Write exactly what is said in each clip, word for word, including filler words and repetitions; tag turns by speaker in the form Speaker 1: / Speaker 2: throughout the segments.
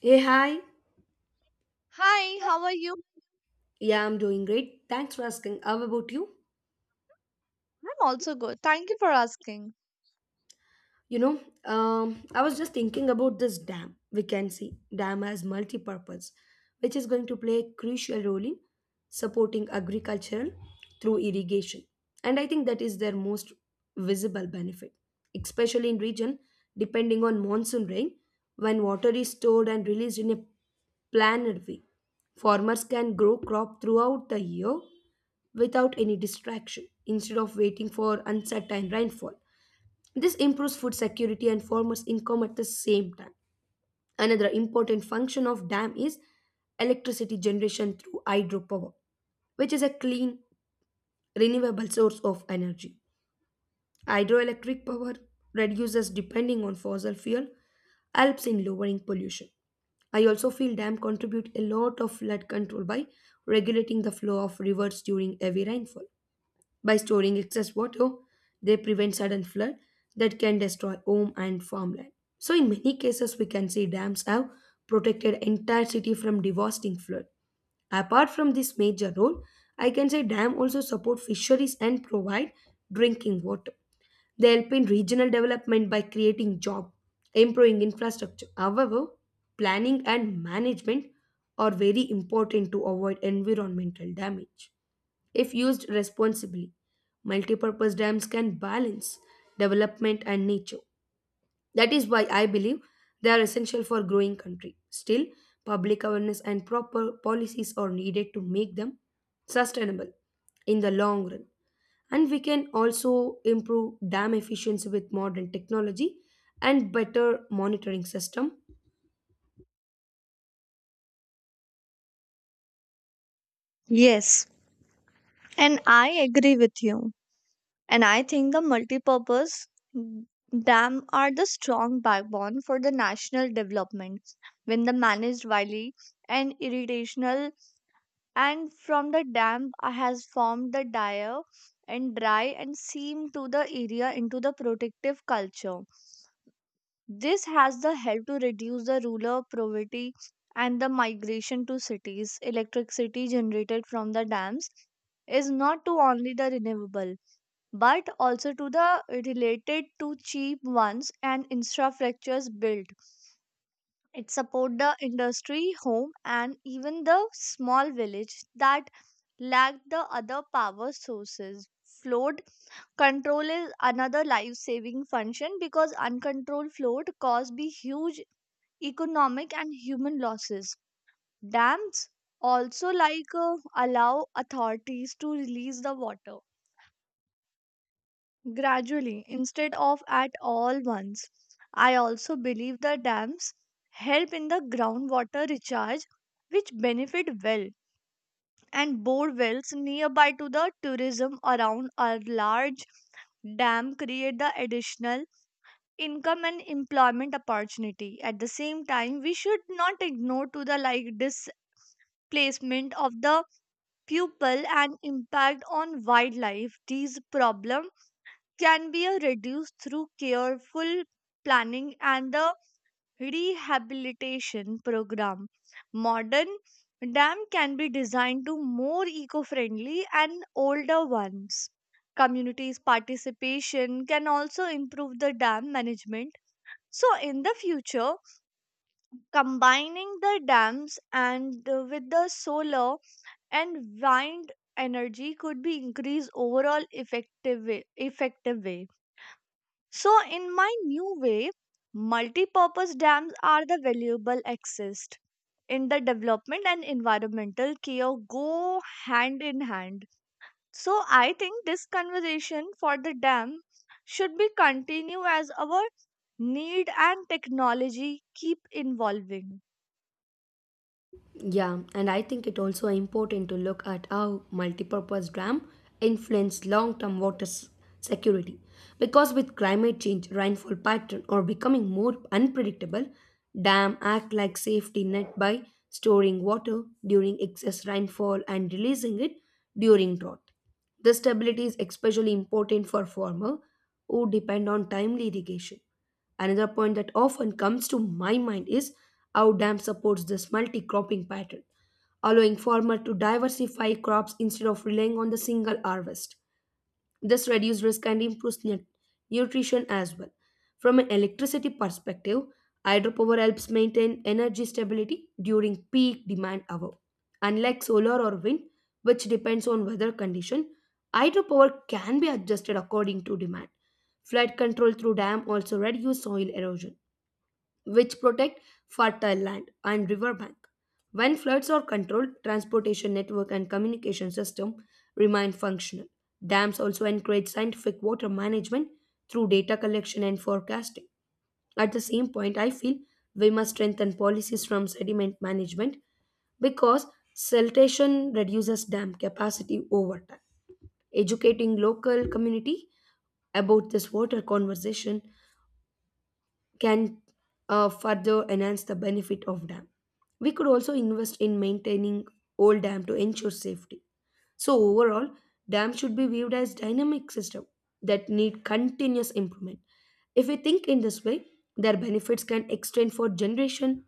Speaker 1: Hey, hi.
Speaker 2: Hi, how are you?
Speaker 1: Yeah, I'm doing great. Thanks for asking. How about you?
Speaker 2: I'm also good. Thank you for asking.
Speaker 1: You know, um, I was just thinking about this dam. We can see dam as multi-purpose, which is going to play a crucial role in supporting agriculture through irrigation. And I think that is their most visible benefit, especially in region depending on monsoon rain, when water is stored and released in a planned way. Farmers can grow crop throughout the year without any distraction instead of waiting for uncertain rainfall this improves food security and farmers' income at the same time. Another important function of dam is electricity generation through hydropower, which is a clean, renewable source of energy. Hydroelectric power reduces depending on fossil fuel, helps in lowering pollution. I also feel dam contribute a lot of flood control by regulating the flow of rivers during heavy rainfall. By storing excess water, they prevent sudden flood that can destroy home and farmland. So in many cases we can see dams have protected entire city from devastating flood. Apart from this major role, I can say dam also support fisheries and provide drinking water. They help in regional development by creating job, improving infrastructure. However, planning and management are very important to avoid environmental damage if used responsibly. Multipurpose dams can balance development and nature. That is why I believe they are essential for growing country. Still, public awareness and proper policies are needed to make them sustainable in the long run. And we can also improve dam efficiency with modern technology and better monitoring system.
Speaker 2: Yes, and I agree with you. And I think the multipurpose mm, dam are the strong backbone for the national development when the managed wily and irrigational, and from the dam has formed the dire and dry and seam to the area into the protective culture. This has the help to reduce the rural poverty and the migration to cities. Electricity generated from the dams is not to only the renewable but also to the related to cheap ones and infrastructures built, it support the industry home and even the small village that lack the other power sources. Flood control is another life saving function because uncontrolled flood cause be huge economic and human losses. Dams also like uh, allow authorities to release the water gradually instead of at all once. I also believe the dams help in the groundwater recharge, which benefit well and bore wells nearby to the tourism around our large dam, create the additional income and employment opportunity. At the same time, we should not ignore to the like displacement of the people and impact on wildlife. These problem can be uh, reduced through careful planning and the rehabilitation program. Modern dam can be designed to more eco-friendly and older ones. Communities participation can also improve the dam management. So in the future, combining the dams and uh, with the solar and wind energy could be increased overall effective way, effective way. So, in my new way, multi-purpose dams are the valuable assist in the development and environmental care go hand in hand. So, I think this conversation for the dam should be continue as our need and technology keep evolving.
Speaker 1: Yeah, and I think it also important to look at how multipurpose dam influence long-term water s- security. Because with climate change, rainfall pattern are becoming more unpredictable, dam act like safety net by storing water during excess rainfall and releasing it during drought. This stability is especially important for farmers who depend on timely irrigation. Another point that often comes to my mind is how dam supports this multi-cropping pattern, allowing farmers to diversify crops instead of relying on the single harvest. This reduces risk and improves nu- nutrition as well. From an electricity perspective, hydropower helps maintain energy stability during peak demand hour. Unlike solar or wind, which depends on weather condition, hydropower can be adjusted according to demand. Flood control through dam also reduce soil erosion which protect fertile land and riverbank. When floods are controlled, transportation network and communication system remain functional. Dams also encourage scientific water management through data collection and forecasting. At the same point, I feel we must strengthen policies from sediment management because siltation reduces dam capacity over time. Educating local community about this water conversation can uh, further enhance the benefit of dam. We could also invest in maintaining old dam to ensure safety. So overall, dam should be viewed as dynamic system that need continuous improvement. If we think in this way, their benefits can extend for generation.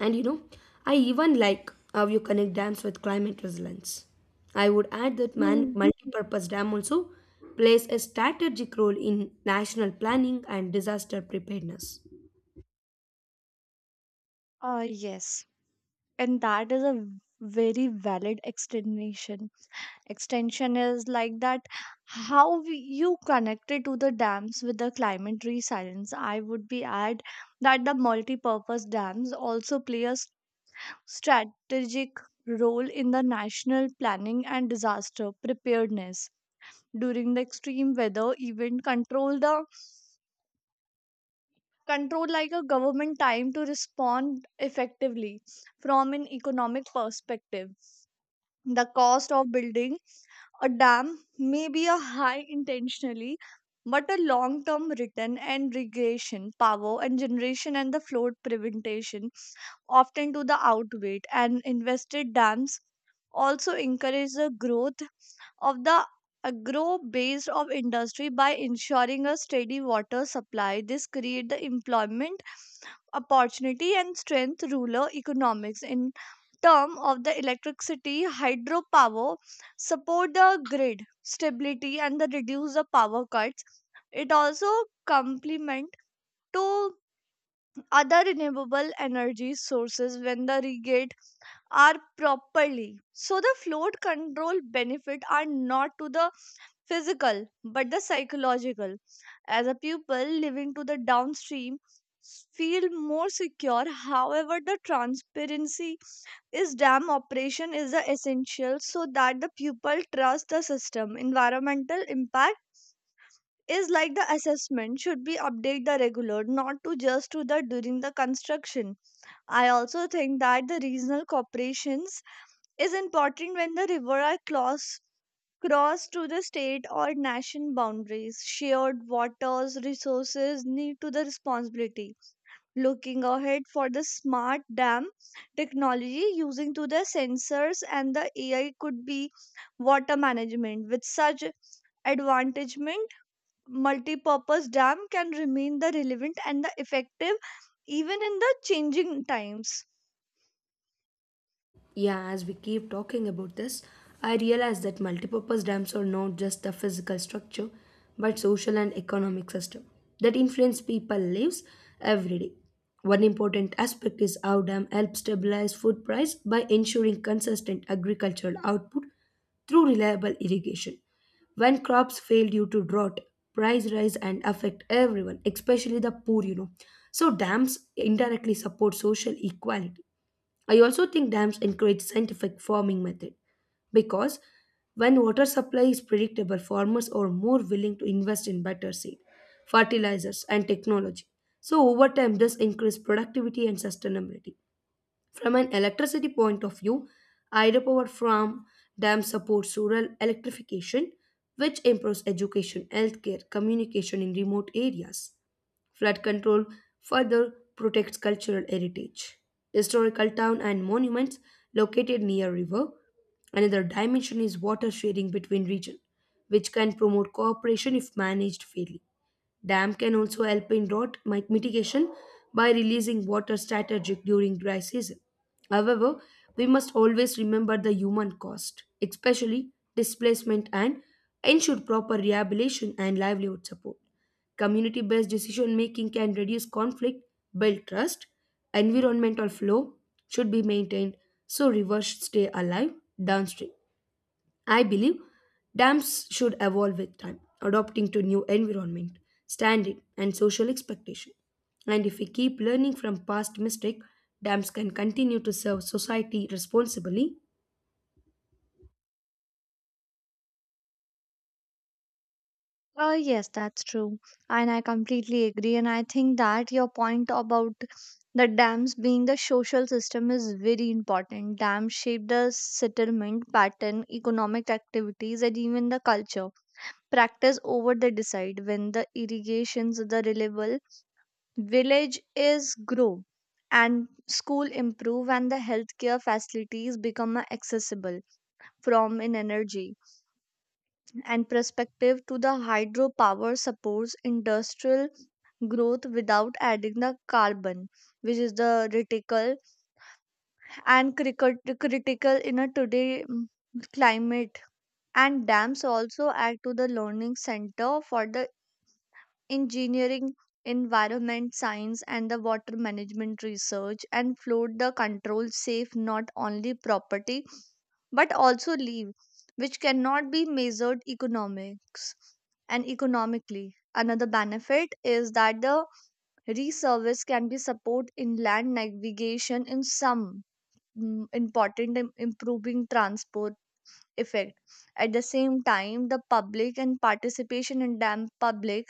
Speaker 1: And you know, I even like how you connect dams with climate resilience. I would add that man
Speaker 2: Hmm.
Speaker 1: multi-purpose dam also plays a strategic role in national planning and disaster preparedness.
Speaker 2: Uh, yes, and that is a very valid explanation. Extension is like that how we, you connected to the dams with the climate resilience. I would be add that the multi-purpose dams also play a s- strategic role in the national planning and disaster preparedness during the extreme weather event. Control the control like a government time to respond effectively. From an economic perspective, the cost of building a dam may be a high intentionally, but a long term return and regression power and generation and the flood prevention often to the outweight and invested. Dams also encourage the growth of the agro based of industry by ensuring a steady water supply. This create the employment opportunity and strength ruler economics. In term of the electricity, hydropower support the grid stability and the reduce the power cuts. It also complement to other renewable energy sources when the regate are properly. So the flood control benefit are not to the physical but the psychological. As a pupil living to the downstream, s- feel more secure. However, the transparency is dam operation is the essential so that the pupil trust the system. Environmental impact is like the assessment should be update the regular, not to just to the during the construction. I also think that the regional corporations is important when the river are cross, crossed to the state or nation boundaries. Shared waters resources need to the responsibility. Looking ahead for the smart dam technology using to the sensors and the A I could be water management. With such advantagement, multi-purpose dam can remain the relevant and the effective even in the changing times.
Speaker 1: Yeah, as we keep talking about this, I realize that multipurpose dams are not just a physical structure, but social and economic system that influence people lives every day. One important aspect is how dam help stabilize food price by ensuring consistent agricultural output through reliable irrigation. When crops fail due to drought, price rise and affect everyone, especially the poor, you know. So dams indirectly support social equality. I also think dams encourage scientific farming method because when water supply is predictable, farmers are more willing to invest in better seed, fertilizers, and technology. So over time, this increases productivity and sustainability. From an electricity point of view, hydropower farm dam supports rural electrification, which improves education, healthcare, communication in remote areas. Flood control further protects cultural heritage. Historical town and monuments located near river. Another dimension is water sharing between region, which can promote cooperation if managed fairly. Dam can also help in drought mi- mitigation by releasing water strategic during dry season. However, we must always remember the human cost, especially displacement and ensure proper rehabilitation and livelihood support. Community based decision making can reduce conflict, build trust, environmental flow should be maintained so rivers stay alive downstream. I believe dams should evolve with time, adapting to new environment, standard and social expectation. And if we keep learning from past mistake, dams can continue to serve society responsibly.
Speaker 2: Uh, yes, that's true. And I completely agree. And I think that your point about the dams being the social system is very important. Dams shape the settlement pattern, economic activities, and even the culture. Practice over the decide when the irrigations the reliable, village is grow and school improve and the healthcare facilities become uh, accessible. From an energy and perspective to the hydropower supports industrial growth without adding the carbon, which is the critical and cricut critical in a today mm, climate. And dams also add to the learning center for the engineering, environment science, and the water management research, and flood the control safe not only property but also leave, which cannot be measured economics and economically. Another benefit is that the Reservice can be support inland navigation in some mm, important in improving transport effect. At the same time, the public and participation in dam public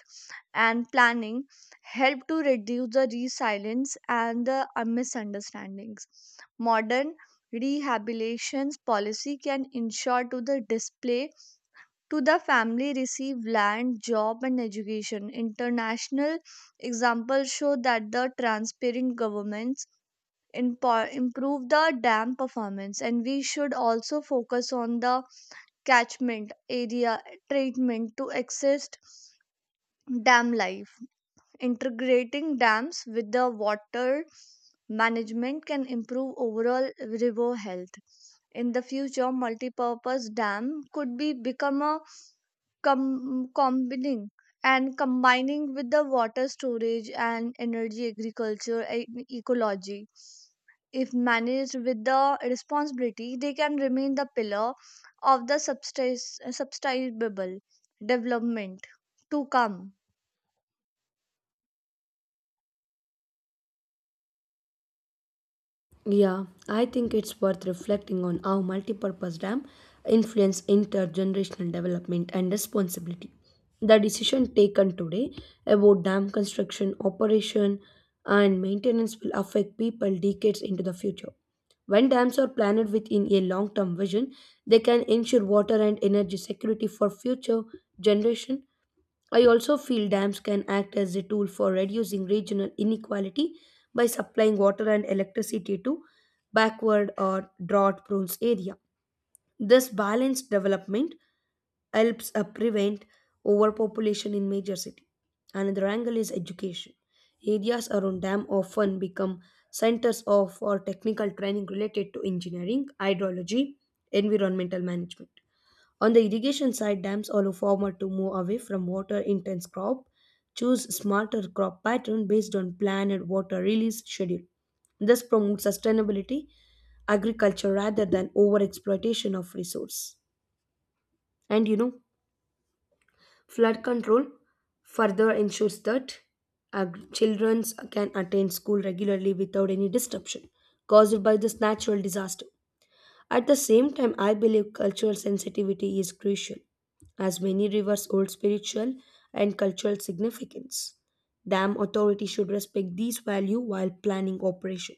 Speaker 2: and planning help to reduce the resilience and the uh, misunderstandings. Modern rehabilitation policy can ensure to the display to the family receive land, job, and education. International examples show that the transparent governments impo- improve the dam performance, and we should also focus on the catchment area treatment to access dam life. Integrating dams with the water management can improve overall river health. In the future, multipurpose dam could be become a com- combining and combining with the water storage and energy agriculture and ecology. If managed with the responsibility, they can remain the pillar of the subsist- sustainable development to come.
Speaker 1: Yeah, I think it's worth reflecting on how multipurpose dam influence intergenerational development and responsibility. The decision taken today about dam construction, operation, and maintenance will affect people decades into the future. When dams are planned within a long-term vision, they can ensure water and energy security for future generation. I also feel dams can act as a tool for reducing regional inequality by supplying water and electricity to backward or drought prone area. This balanced development helps uh, prevent overpopulation in major city. Another angle is education. Areas around dam often become centers of or technical training related to engineering, hydrology, environmental management. On the irrigation side, dams allow farmer to move away from water intense crop, choose smarter crop pattern based on plan and water release schedule. This promotes sustainability agriculture rather than over exploitation of resource. And you know, flood control further ensures that ag- children can attend school regularly without any disruption caused by this natural disaster. At the same time, I believe cultural sensitivity is crucial, as many rivers hold spiritual and cultural significance. Dam authorities should respect these values while planning operation.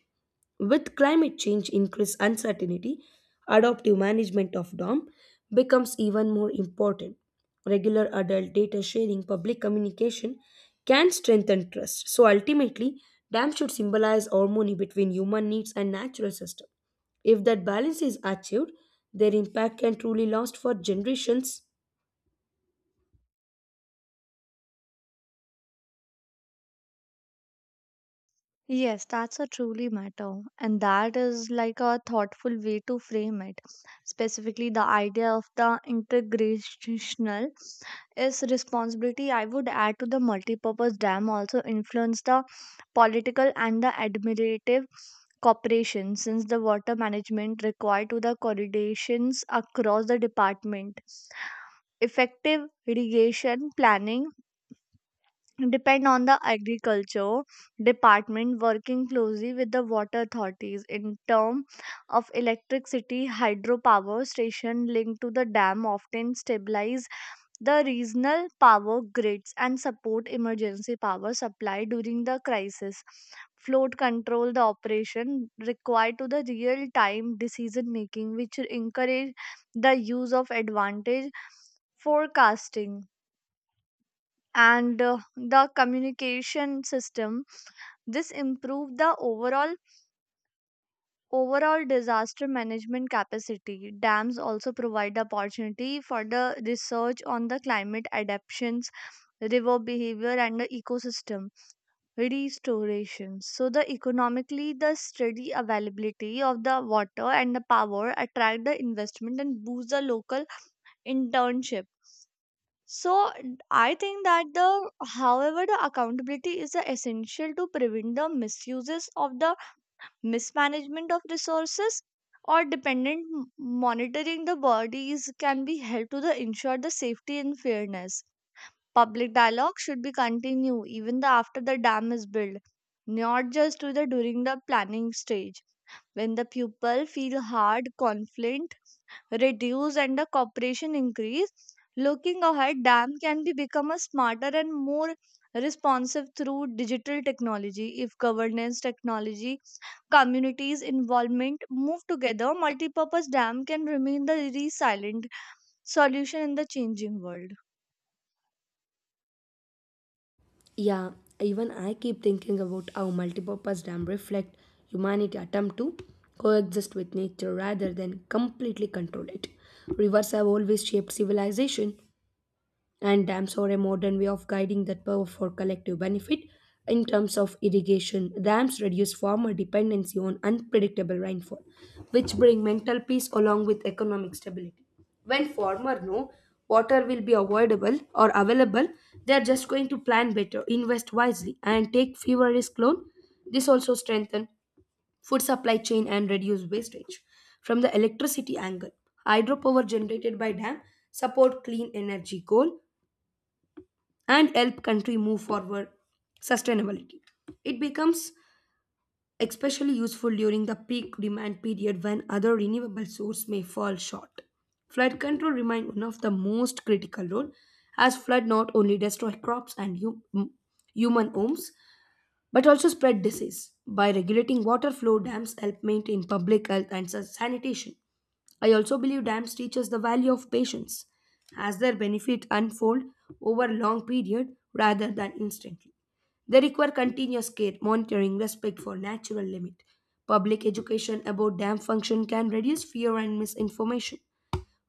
Speaker 1: With climate change increased uncertainty, adaptive management of dam becomes even more important. Regular adult data sharing, public communication can strengthen trust. So ultimately, dam should symbolize harmony between human needs and natural system. If that balance is achieved, their impact can truly last for generations.
Speaker 2: Yes, that's a truly matter. And that is like a thoughtful way to frame it. Specifically, the idea of the integrational is responsibility. I would add to the multipurpose dam also influence the political and the administrative cooperation since the water management required to the coordinations across the department. Effective irrigation planning depend on the agriculture department working closely with the water authorities. In term of electricity, hydropower station linked to the dam often stabilize the regional power grids and support emergency power supply during the crisis. Flood control the operation required to the real time decision making, which encourage the use of advantage forecasting and uh, the communication system. This improved the overall overall disaster management capacity. Dams also provide the opportunity for the research on the climate adaptations, river behavior, and the ecosystem restoration. So the economically the steady availability of the water and the power attract the investment and boost the local internship. So n- I think that the however the accountability is the essential to prevent the misuses of the mismanagement of resources, or dependent m- monitoring the bodies can be held to the ensure the safety and fairness. Public dialogue should be continued even the after the dam is built, not just to the during the planning stage. When the pupil feel hard, conflict reduce and the cooperation increase. Looking ahead, dam can be become a smarter and more responsive through digital technology. If governance, technology, communities involvement move together, multipurpose dam can remain the resilient solution in the changing world.
Speaker 1: Yeah, even I keep thinking about how multipurpose dams reflect humanity attempt to coexist with nature rather than completely control it. Rivers have always shaped civilization, and dams are a modern way of guiding that power for collective benefit. In terms of irrigation, dams reduce farmer dependency on unpredictable rainfall, which bring mental peace along with economic stability. When farmers know water will be avoidable or available, they are just going to plan better, invest wisely, and take fewer risk loan. This also strengthen food supply chain and reduce wastage. From the electricity angle, hydropower generated by dam support clean energy goal and help country move forward sustainability. It becomes especially useful during the peak demand period when other renewable sources may fall short. Flood control remains one of the most critical role as flood not only destroy crops and hu- m- human homes but also spread disease. By regulating water flow dams help maintain public health and sa- sanitation. I also believe dams teach us the value of patience as their benefit unfold over long period rather than instantly. They require continuous care, monitoring, respect for natural limit. Public education about dam function can reduce fear and misinformation.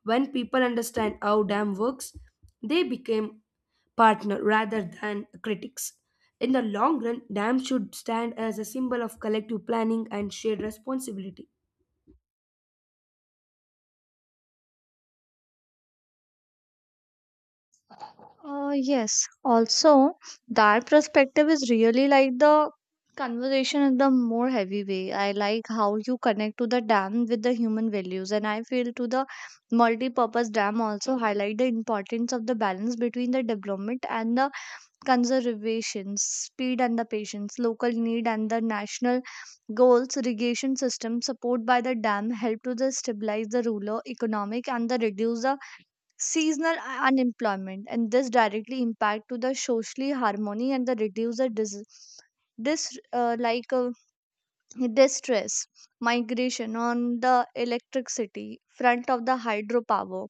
Speaker 1: When people understand how dam works, they become partner rather than critics. In the long run, dams should stand as a symbol of collective planning and shared responsibility.
Speaker 2: Uh, yes. Also, that perspective is really like the conversation in the more heavy way. I like how you connect to the dam with the human values, and I feel to the multi-purpose dam also highlight the importance of the balance between the development and the conservation, speed and the patience, local need and the national goals. Irrigation system support by the dam help to the stabilize the rural economic and the reduce the seasonal u- unemployment, and this directly impact to the socially harmony and the reduce the dis- dis- uh, like uh, distress migration. On the electricity front of the hydropower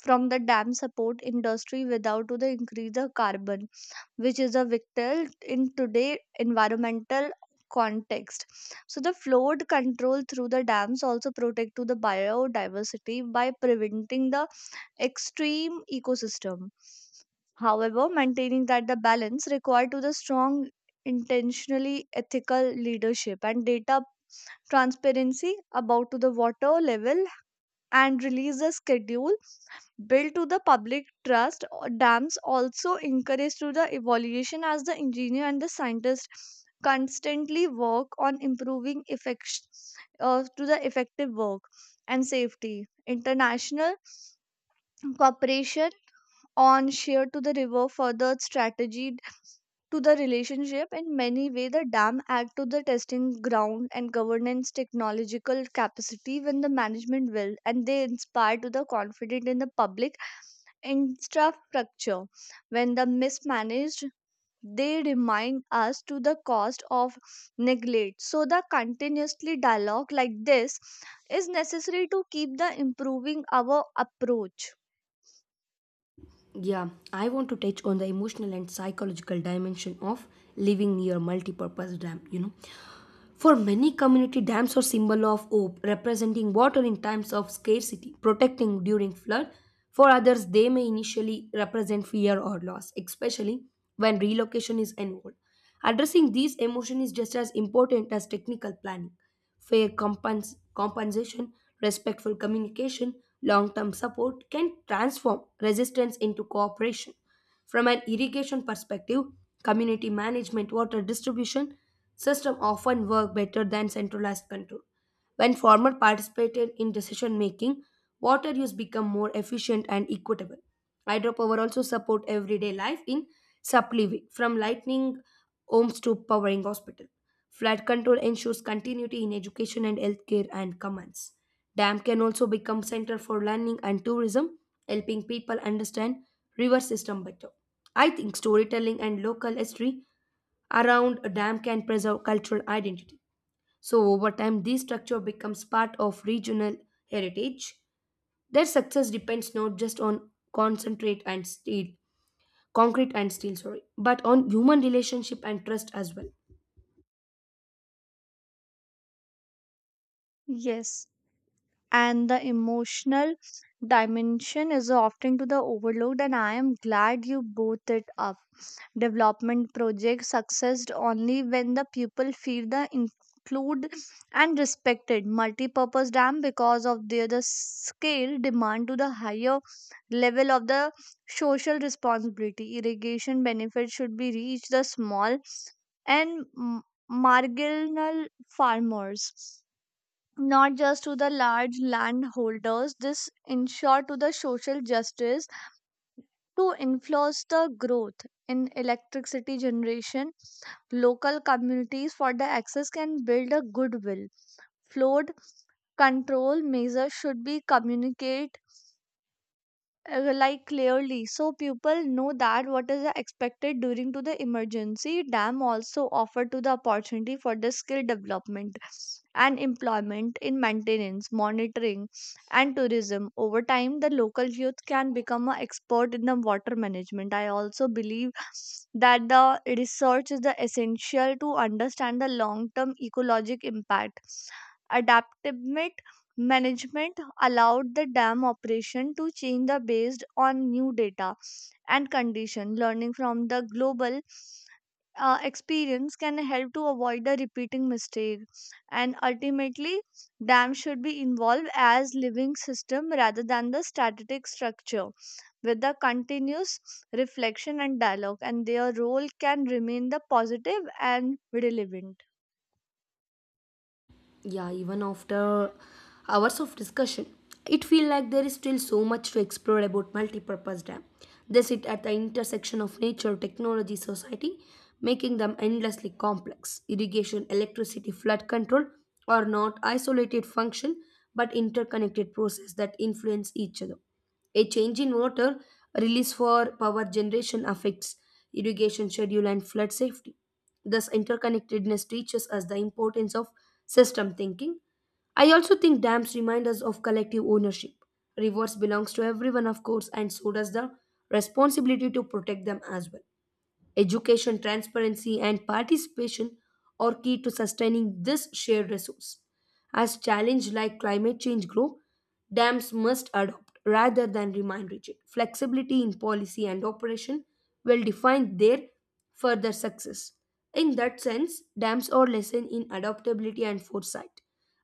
Speaker 2: from the dam support industry without to the increase the carbon, which is a vital in today environmental context. So the flood control through the dams also protect to the biodiversity by preventing the extreme ecosystem. However, maintaining that the balance required to the strong, intentionally ethical leadership and data transparency about to the water level and release the schedule built to the public trust, or dams also encourage to the evaluation as the engineer and the scientist constantly work on improving effect, uh, to the effective work and safety. International cooperation on sheer to the river further strategied to the relationship in many way. The dam act to the testing ground and governance technological capacity when the management will, and they inspire to the confident in the public infrastructure. When the mismanaged, they remind us to the cost of neglect. So the continuously dialogue like this is necessary to keep the improving our approach.
Speaker 1: Yeah, I want to touch on the emotional and psychological dimension of living near multi-purpose dam, you know. For many community dams are symbol of hope, representing water in times of scarcity, protecting during flood. For others, they may initially represent fear or loss, especially when relocation is involved. Addressing these emotions is just as important as technical planning. Fair compens- compensation, respectful communication, long-term support can transform resistance into cooperation. From an irrigation perspective, community management water distribution system often work better than centralized control. When farmers participated in decision making, water use become more efficient and equitable. Hydropower also support everyday life in supply from lightning homes to powering hospital. Flood control ensures continuity in education and healthcare and commands. Dam can also become center for learning and tourism, helping people understand river system better. I think storytelling and local history around a dam can preserve cultural identity. So over time, this structure becomes part of regional heritage. Their success depends not just on concentrate and steel, concrete and steel, sorry, but on human relationship and trust as well.
Speaker 2: Yes, and the emotional dimension is often to the overlooked, and I am glad you brought it up. Development projects success only when the people feel the include and respected. Multi-purpose dam, because of their the scale, demand to the higher level of the social responsibility. Irrigation benefits should be reached the small and m- marginal farmers, not just to the large landholders. This ensure to the social justice to influence the growth in electricity generation. Local communities for the access can build a goodwill. Flood control measures should be communicated uh, like clearly so people know that what is expected during to the emergency. Dam also offer to the opportunity for the skill development and employment in maintenance monitoring and tourism. Over time, the local youth can become an expert in the water management. I also believe that the research is the essential to understand the long term ecologic impact. Adaptive management allowed the dam operation to change the based on new data and condition. Learning from the global uh, experience can help to avoid the repeating mistake. And ultimately, dam should be involved as living system rather than the static structure. With the continuous reflection and dialogue, and their role can remain the positive and relevant.
Speaker 1: Yeah, even after hours of discussion it feels like there is still so much to explore about multipurpose purpose dam. They sit at the intersection of nature technology society, making them endlessly complex. Irrigation electricity flood control are not isolated function but interconnected process that influence each other. A change in water release for power generation affects irrigation schedule and flood safety. This interconnectedness teaches us the importance of system thinking. I also think dams remind us of collective ownership. Rivers belongs to everyone, of course, and so does the responsibility to protect them as well. Education, transparency, and participation are key to sustaining this shared resource. As challenges like climate change grow, dams must adopt rather than remain rigid. Flexibility in policy and operation will define their further success. In that sense, dams are lesson in adaptability and foresight.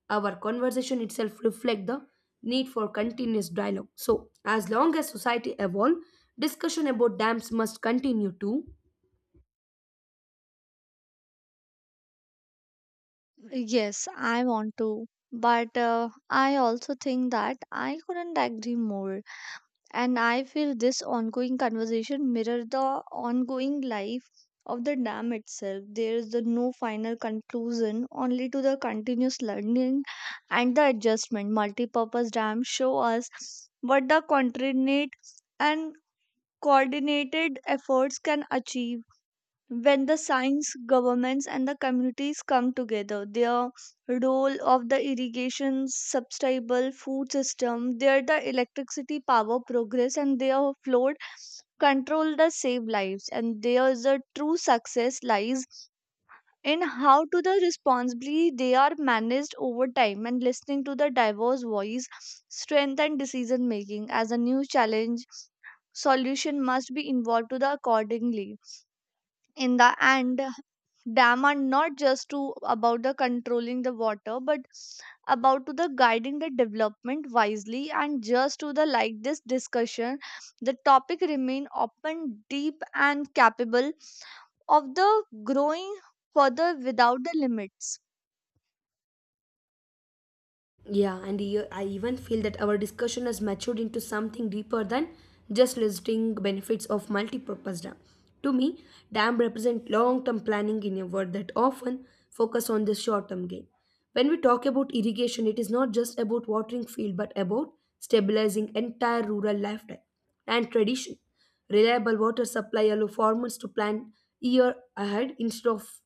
Speaker 1: Our conversation itself reflects the need for continuous dialogue. So, as long as society evolves, discussion about dams must continue too.
Speaker 2: Yes, I want to. But uh, I also think that I couldn't agree more. And I feel this ongoing conversation mirror the ongoing life of the dam itself. There is the no final conclusion, only to the continuous learning and the adjustment. Multi-purpose dams show us what the coordinate and coordinated efforts can achieve when the science governments and the communities come together. Their role of the irrigation sustainable food system, their the electricity power progress, and their flood control the save lives. And there is a true success lies in how to the responsibly they are managed over time, and listening to the diverse voice strength and decision making. As a new challenge, solution must be involved to the accordingly. In the end, dam are not just to about the controlling the water, but about to the guiding the development wisely. And just to the like this discussion, the topic remain open, deep, and capable of the growing further without the limits.
Speaker 1: Yeah, and e- I even feel that our discussion has matured into something deeper than just listing benefits of multipurpose dam. To me, dam represent long-term planning in a world that often focus on the short-term gain. When we talk about irrigation, it is not just about watering field but about stabilizing entire rural lifestyle and tradition. Reliable water supply allow farmers to plan year ahead instead of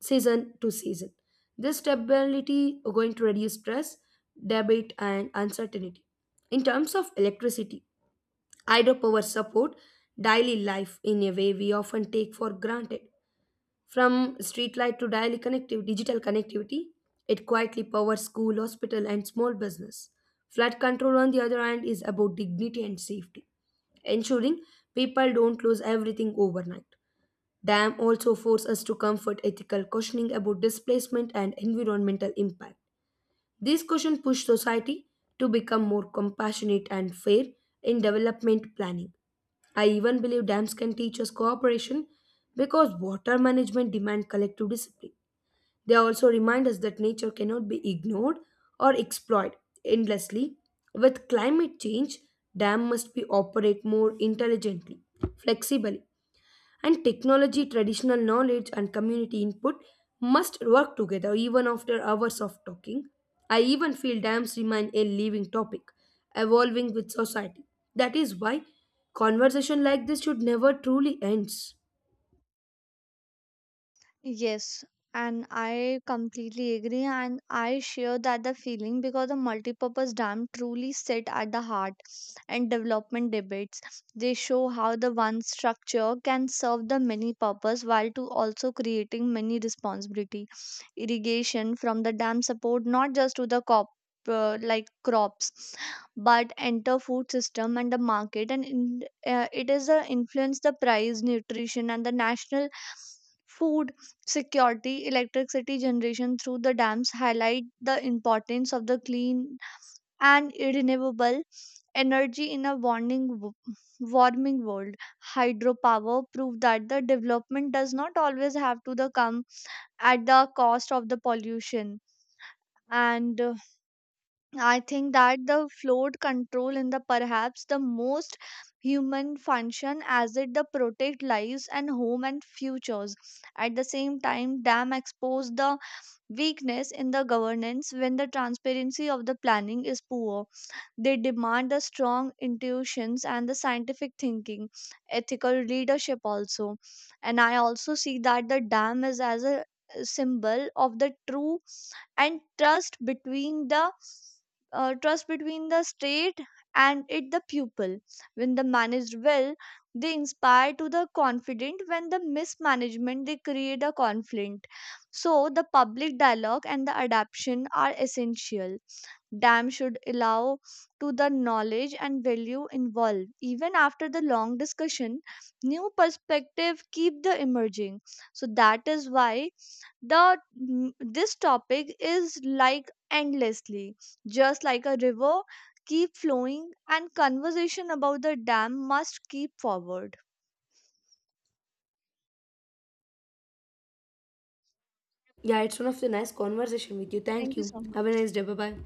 Speaker 1: season to season. This stability is going to reduce stress, debate, and uncertainty. In terms of electricity, hydropower support daily life in a way we often take for granted. From streetlight to daily connectiv- digital connectivity, it quietly powers school, hospital, and small business. Flood control, on the other hand, is about dignity and safety, ensuring people don't lose everything overnight. Dam also force us to comfort ethical questioning about displacement and environmental impact. These questions push society to become more compassionate and fair in development planning. I even believe dams can teach us cooperation because water management demands collective discipline. They also remind us that nature cannot be ignored or exploited endlessly. With climate change, dam must be operate more intelligently, flexibly and technology, traditional knowledge, and community input must work together. Even after hours of talking, I even feel dams remain a living topic, evolving with society. That is why conversation like this should never truly ends.
Speaker 2: Yes, and I completely agree, and I share that the feeling because the multipurpose dam truly sit at the heart and development debates. They show how the one structure can serve the many purpose while to also creating many responsibility. Irrigation from the dam support not just to the cop uh, like crops, but enter food system and the market, and in, uh, it is the influence the price, nutrition, and the national food security. Electricity generation through the dams highlight the importance of the clean and renewable energy in a warning, w- warming world. Hydropower prove that the development does not always have to the come at the cost of the pollution. And uh, I think that the flood control in the perhaps the most human function as it the protect lives and home and futures. At the same time, dam expose the weakness in the governance. When the transparency of the planning is poor, they demand the strong intuitions and the scientific thinking, ethical leadership also. And I also see that the dam is as a symbol of the true and trust between the uh, trust between the state and it the pupil. When the managed well, they inspire to the confident. When the mismanagement, they create a conflict. So the public dialogue and the adaptation are essential. Dam should allow to the knowledge and value involved. Even after the long discussion, new perspective keep the emerging. So that is why the mm, this topic is like endlessly, just like a river keep flowing, and conversation about the dam must keep forward.
Speaker 1: Yeah, it's one of the nice conversation with you. Thank
Speaker 2: Thank you
Speaker 1: you.
Speaker 2: so
Speaker 1: Have a
Speaker 2: much.
Speaker 1: nice day. Bye bye.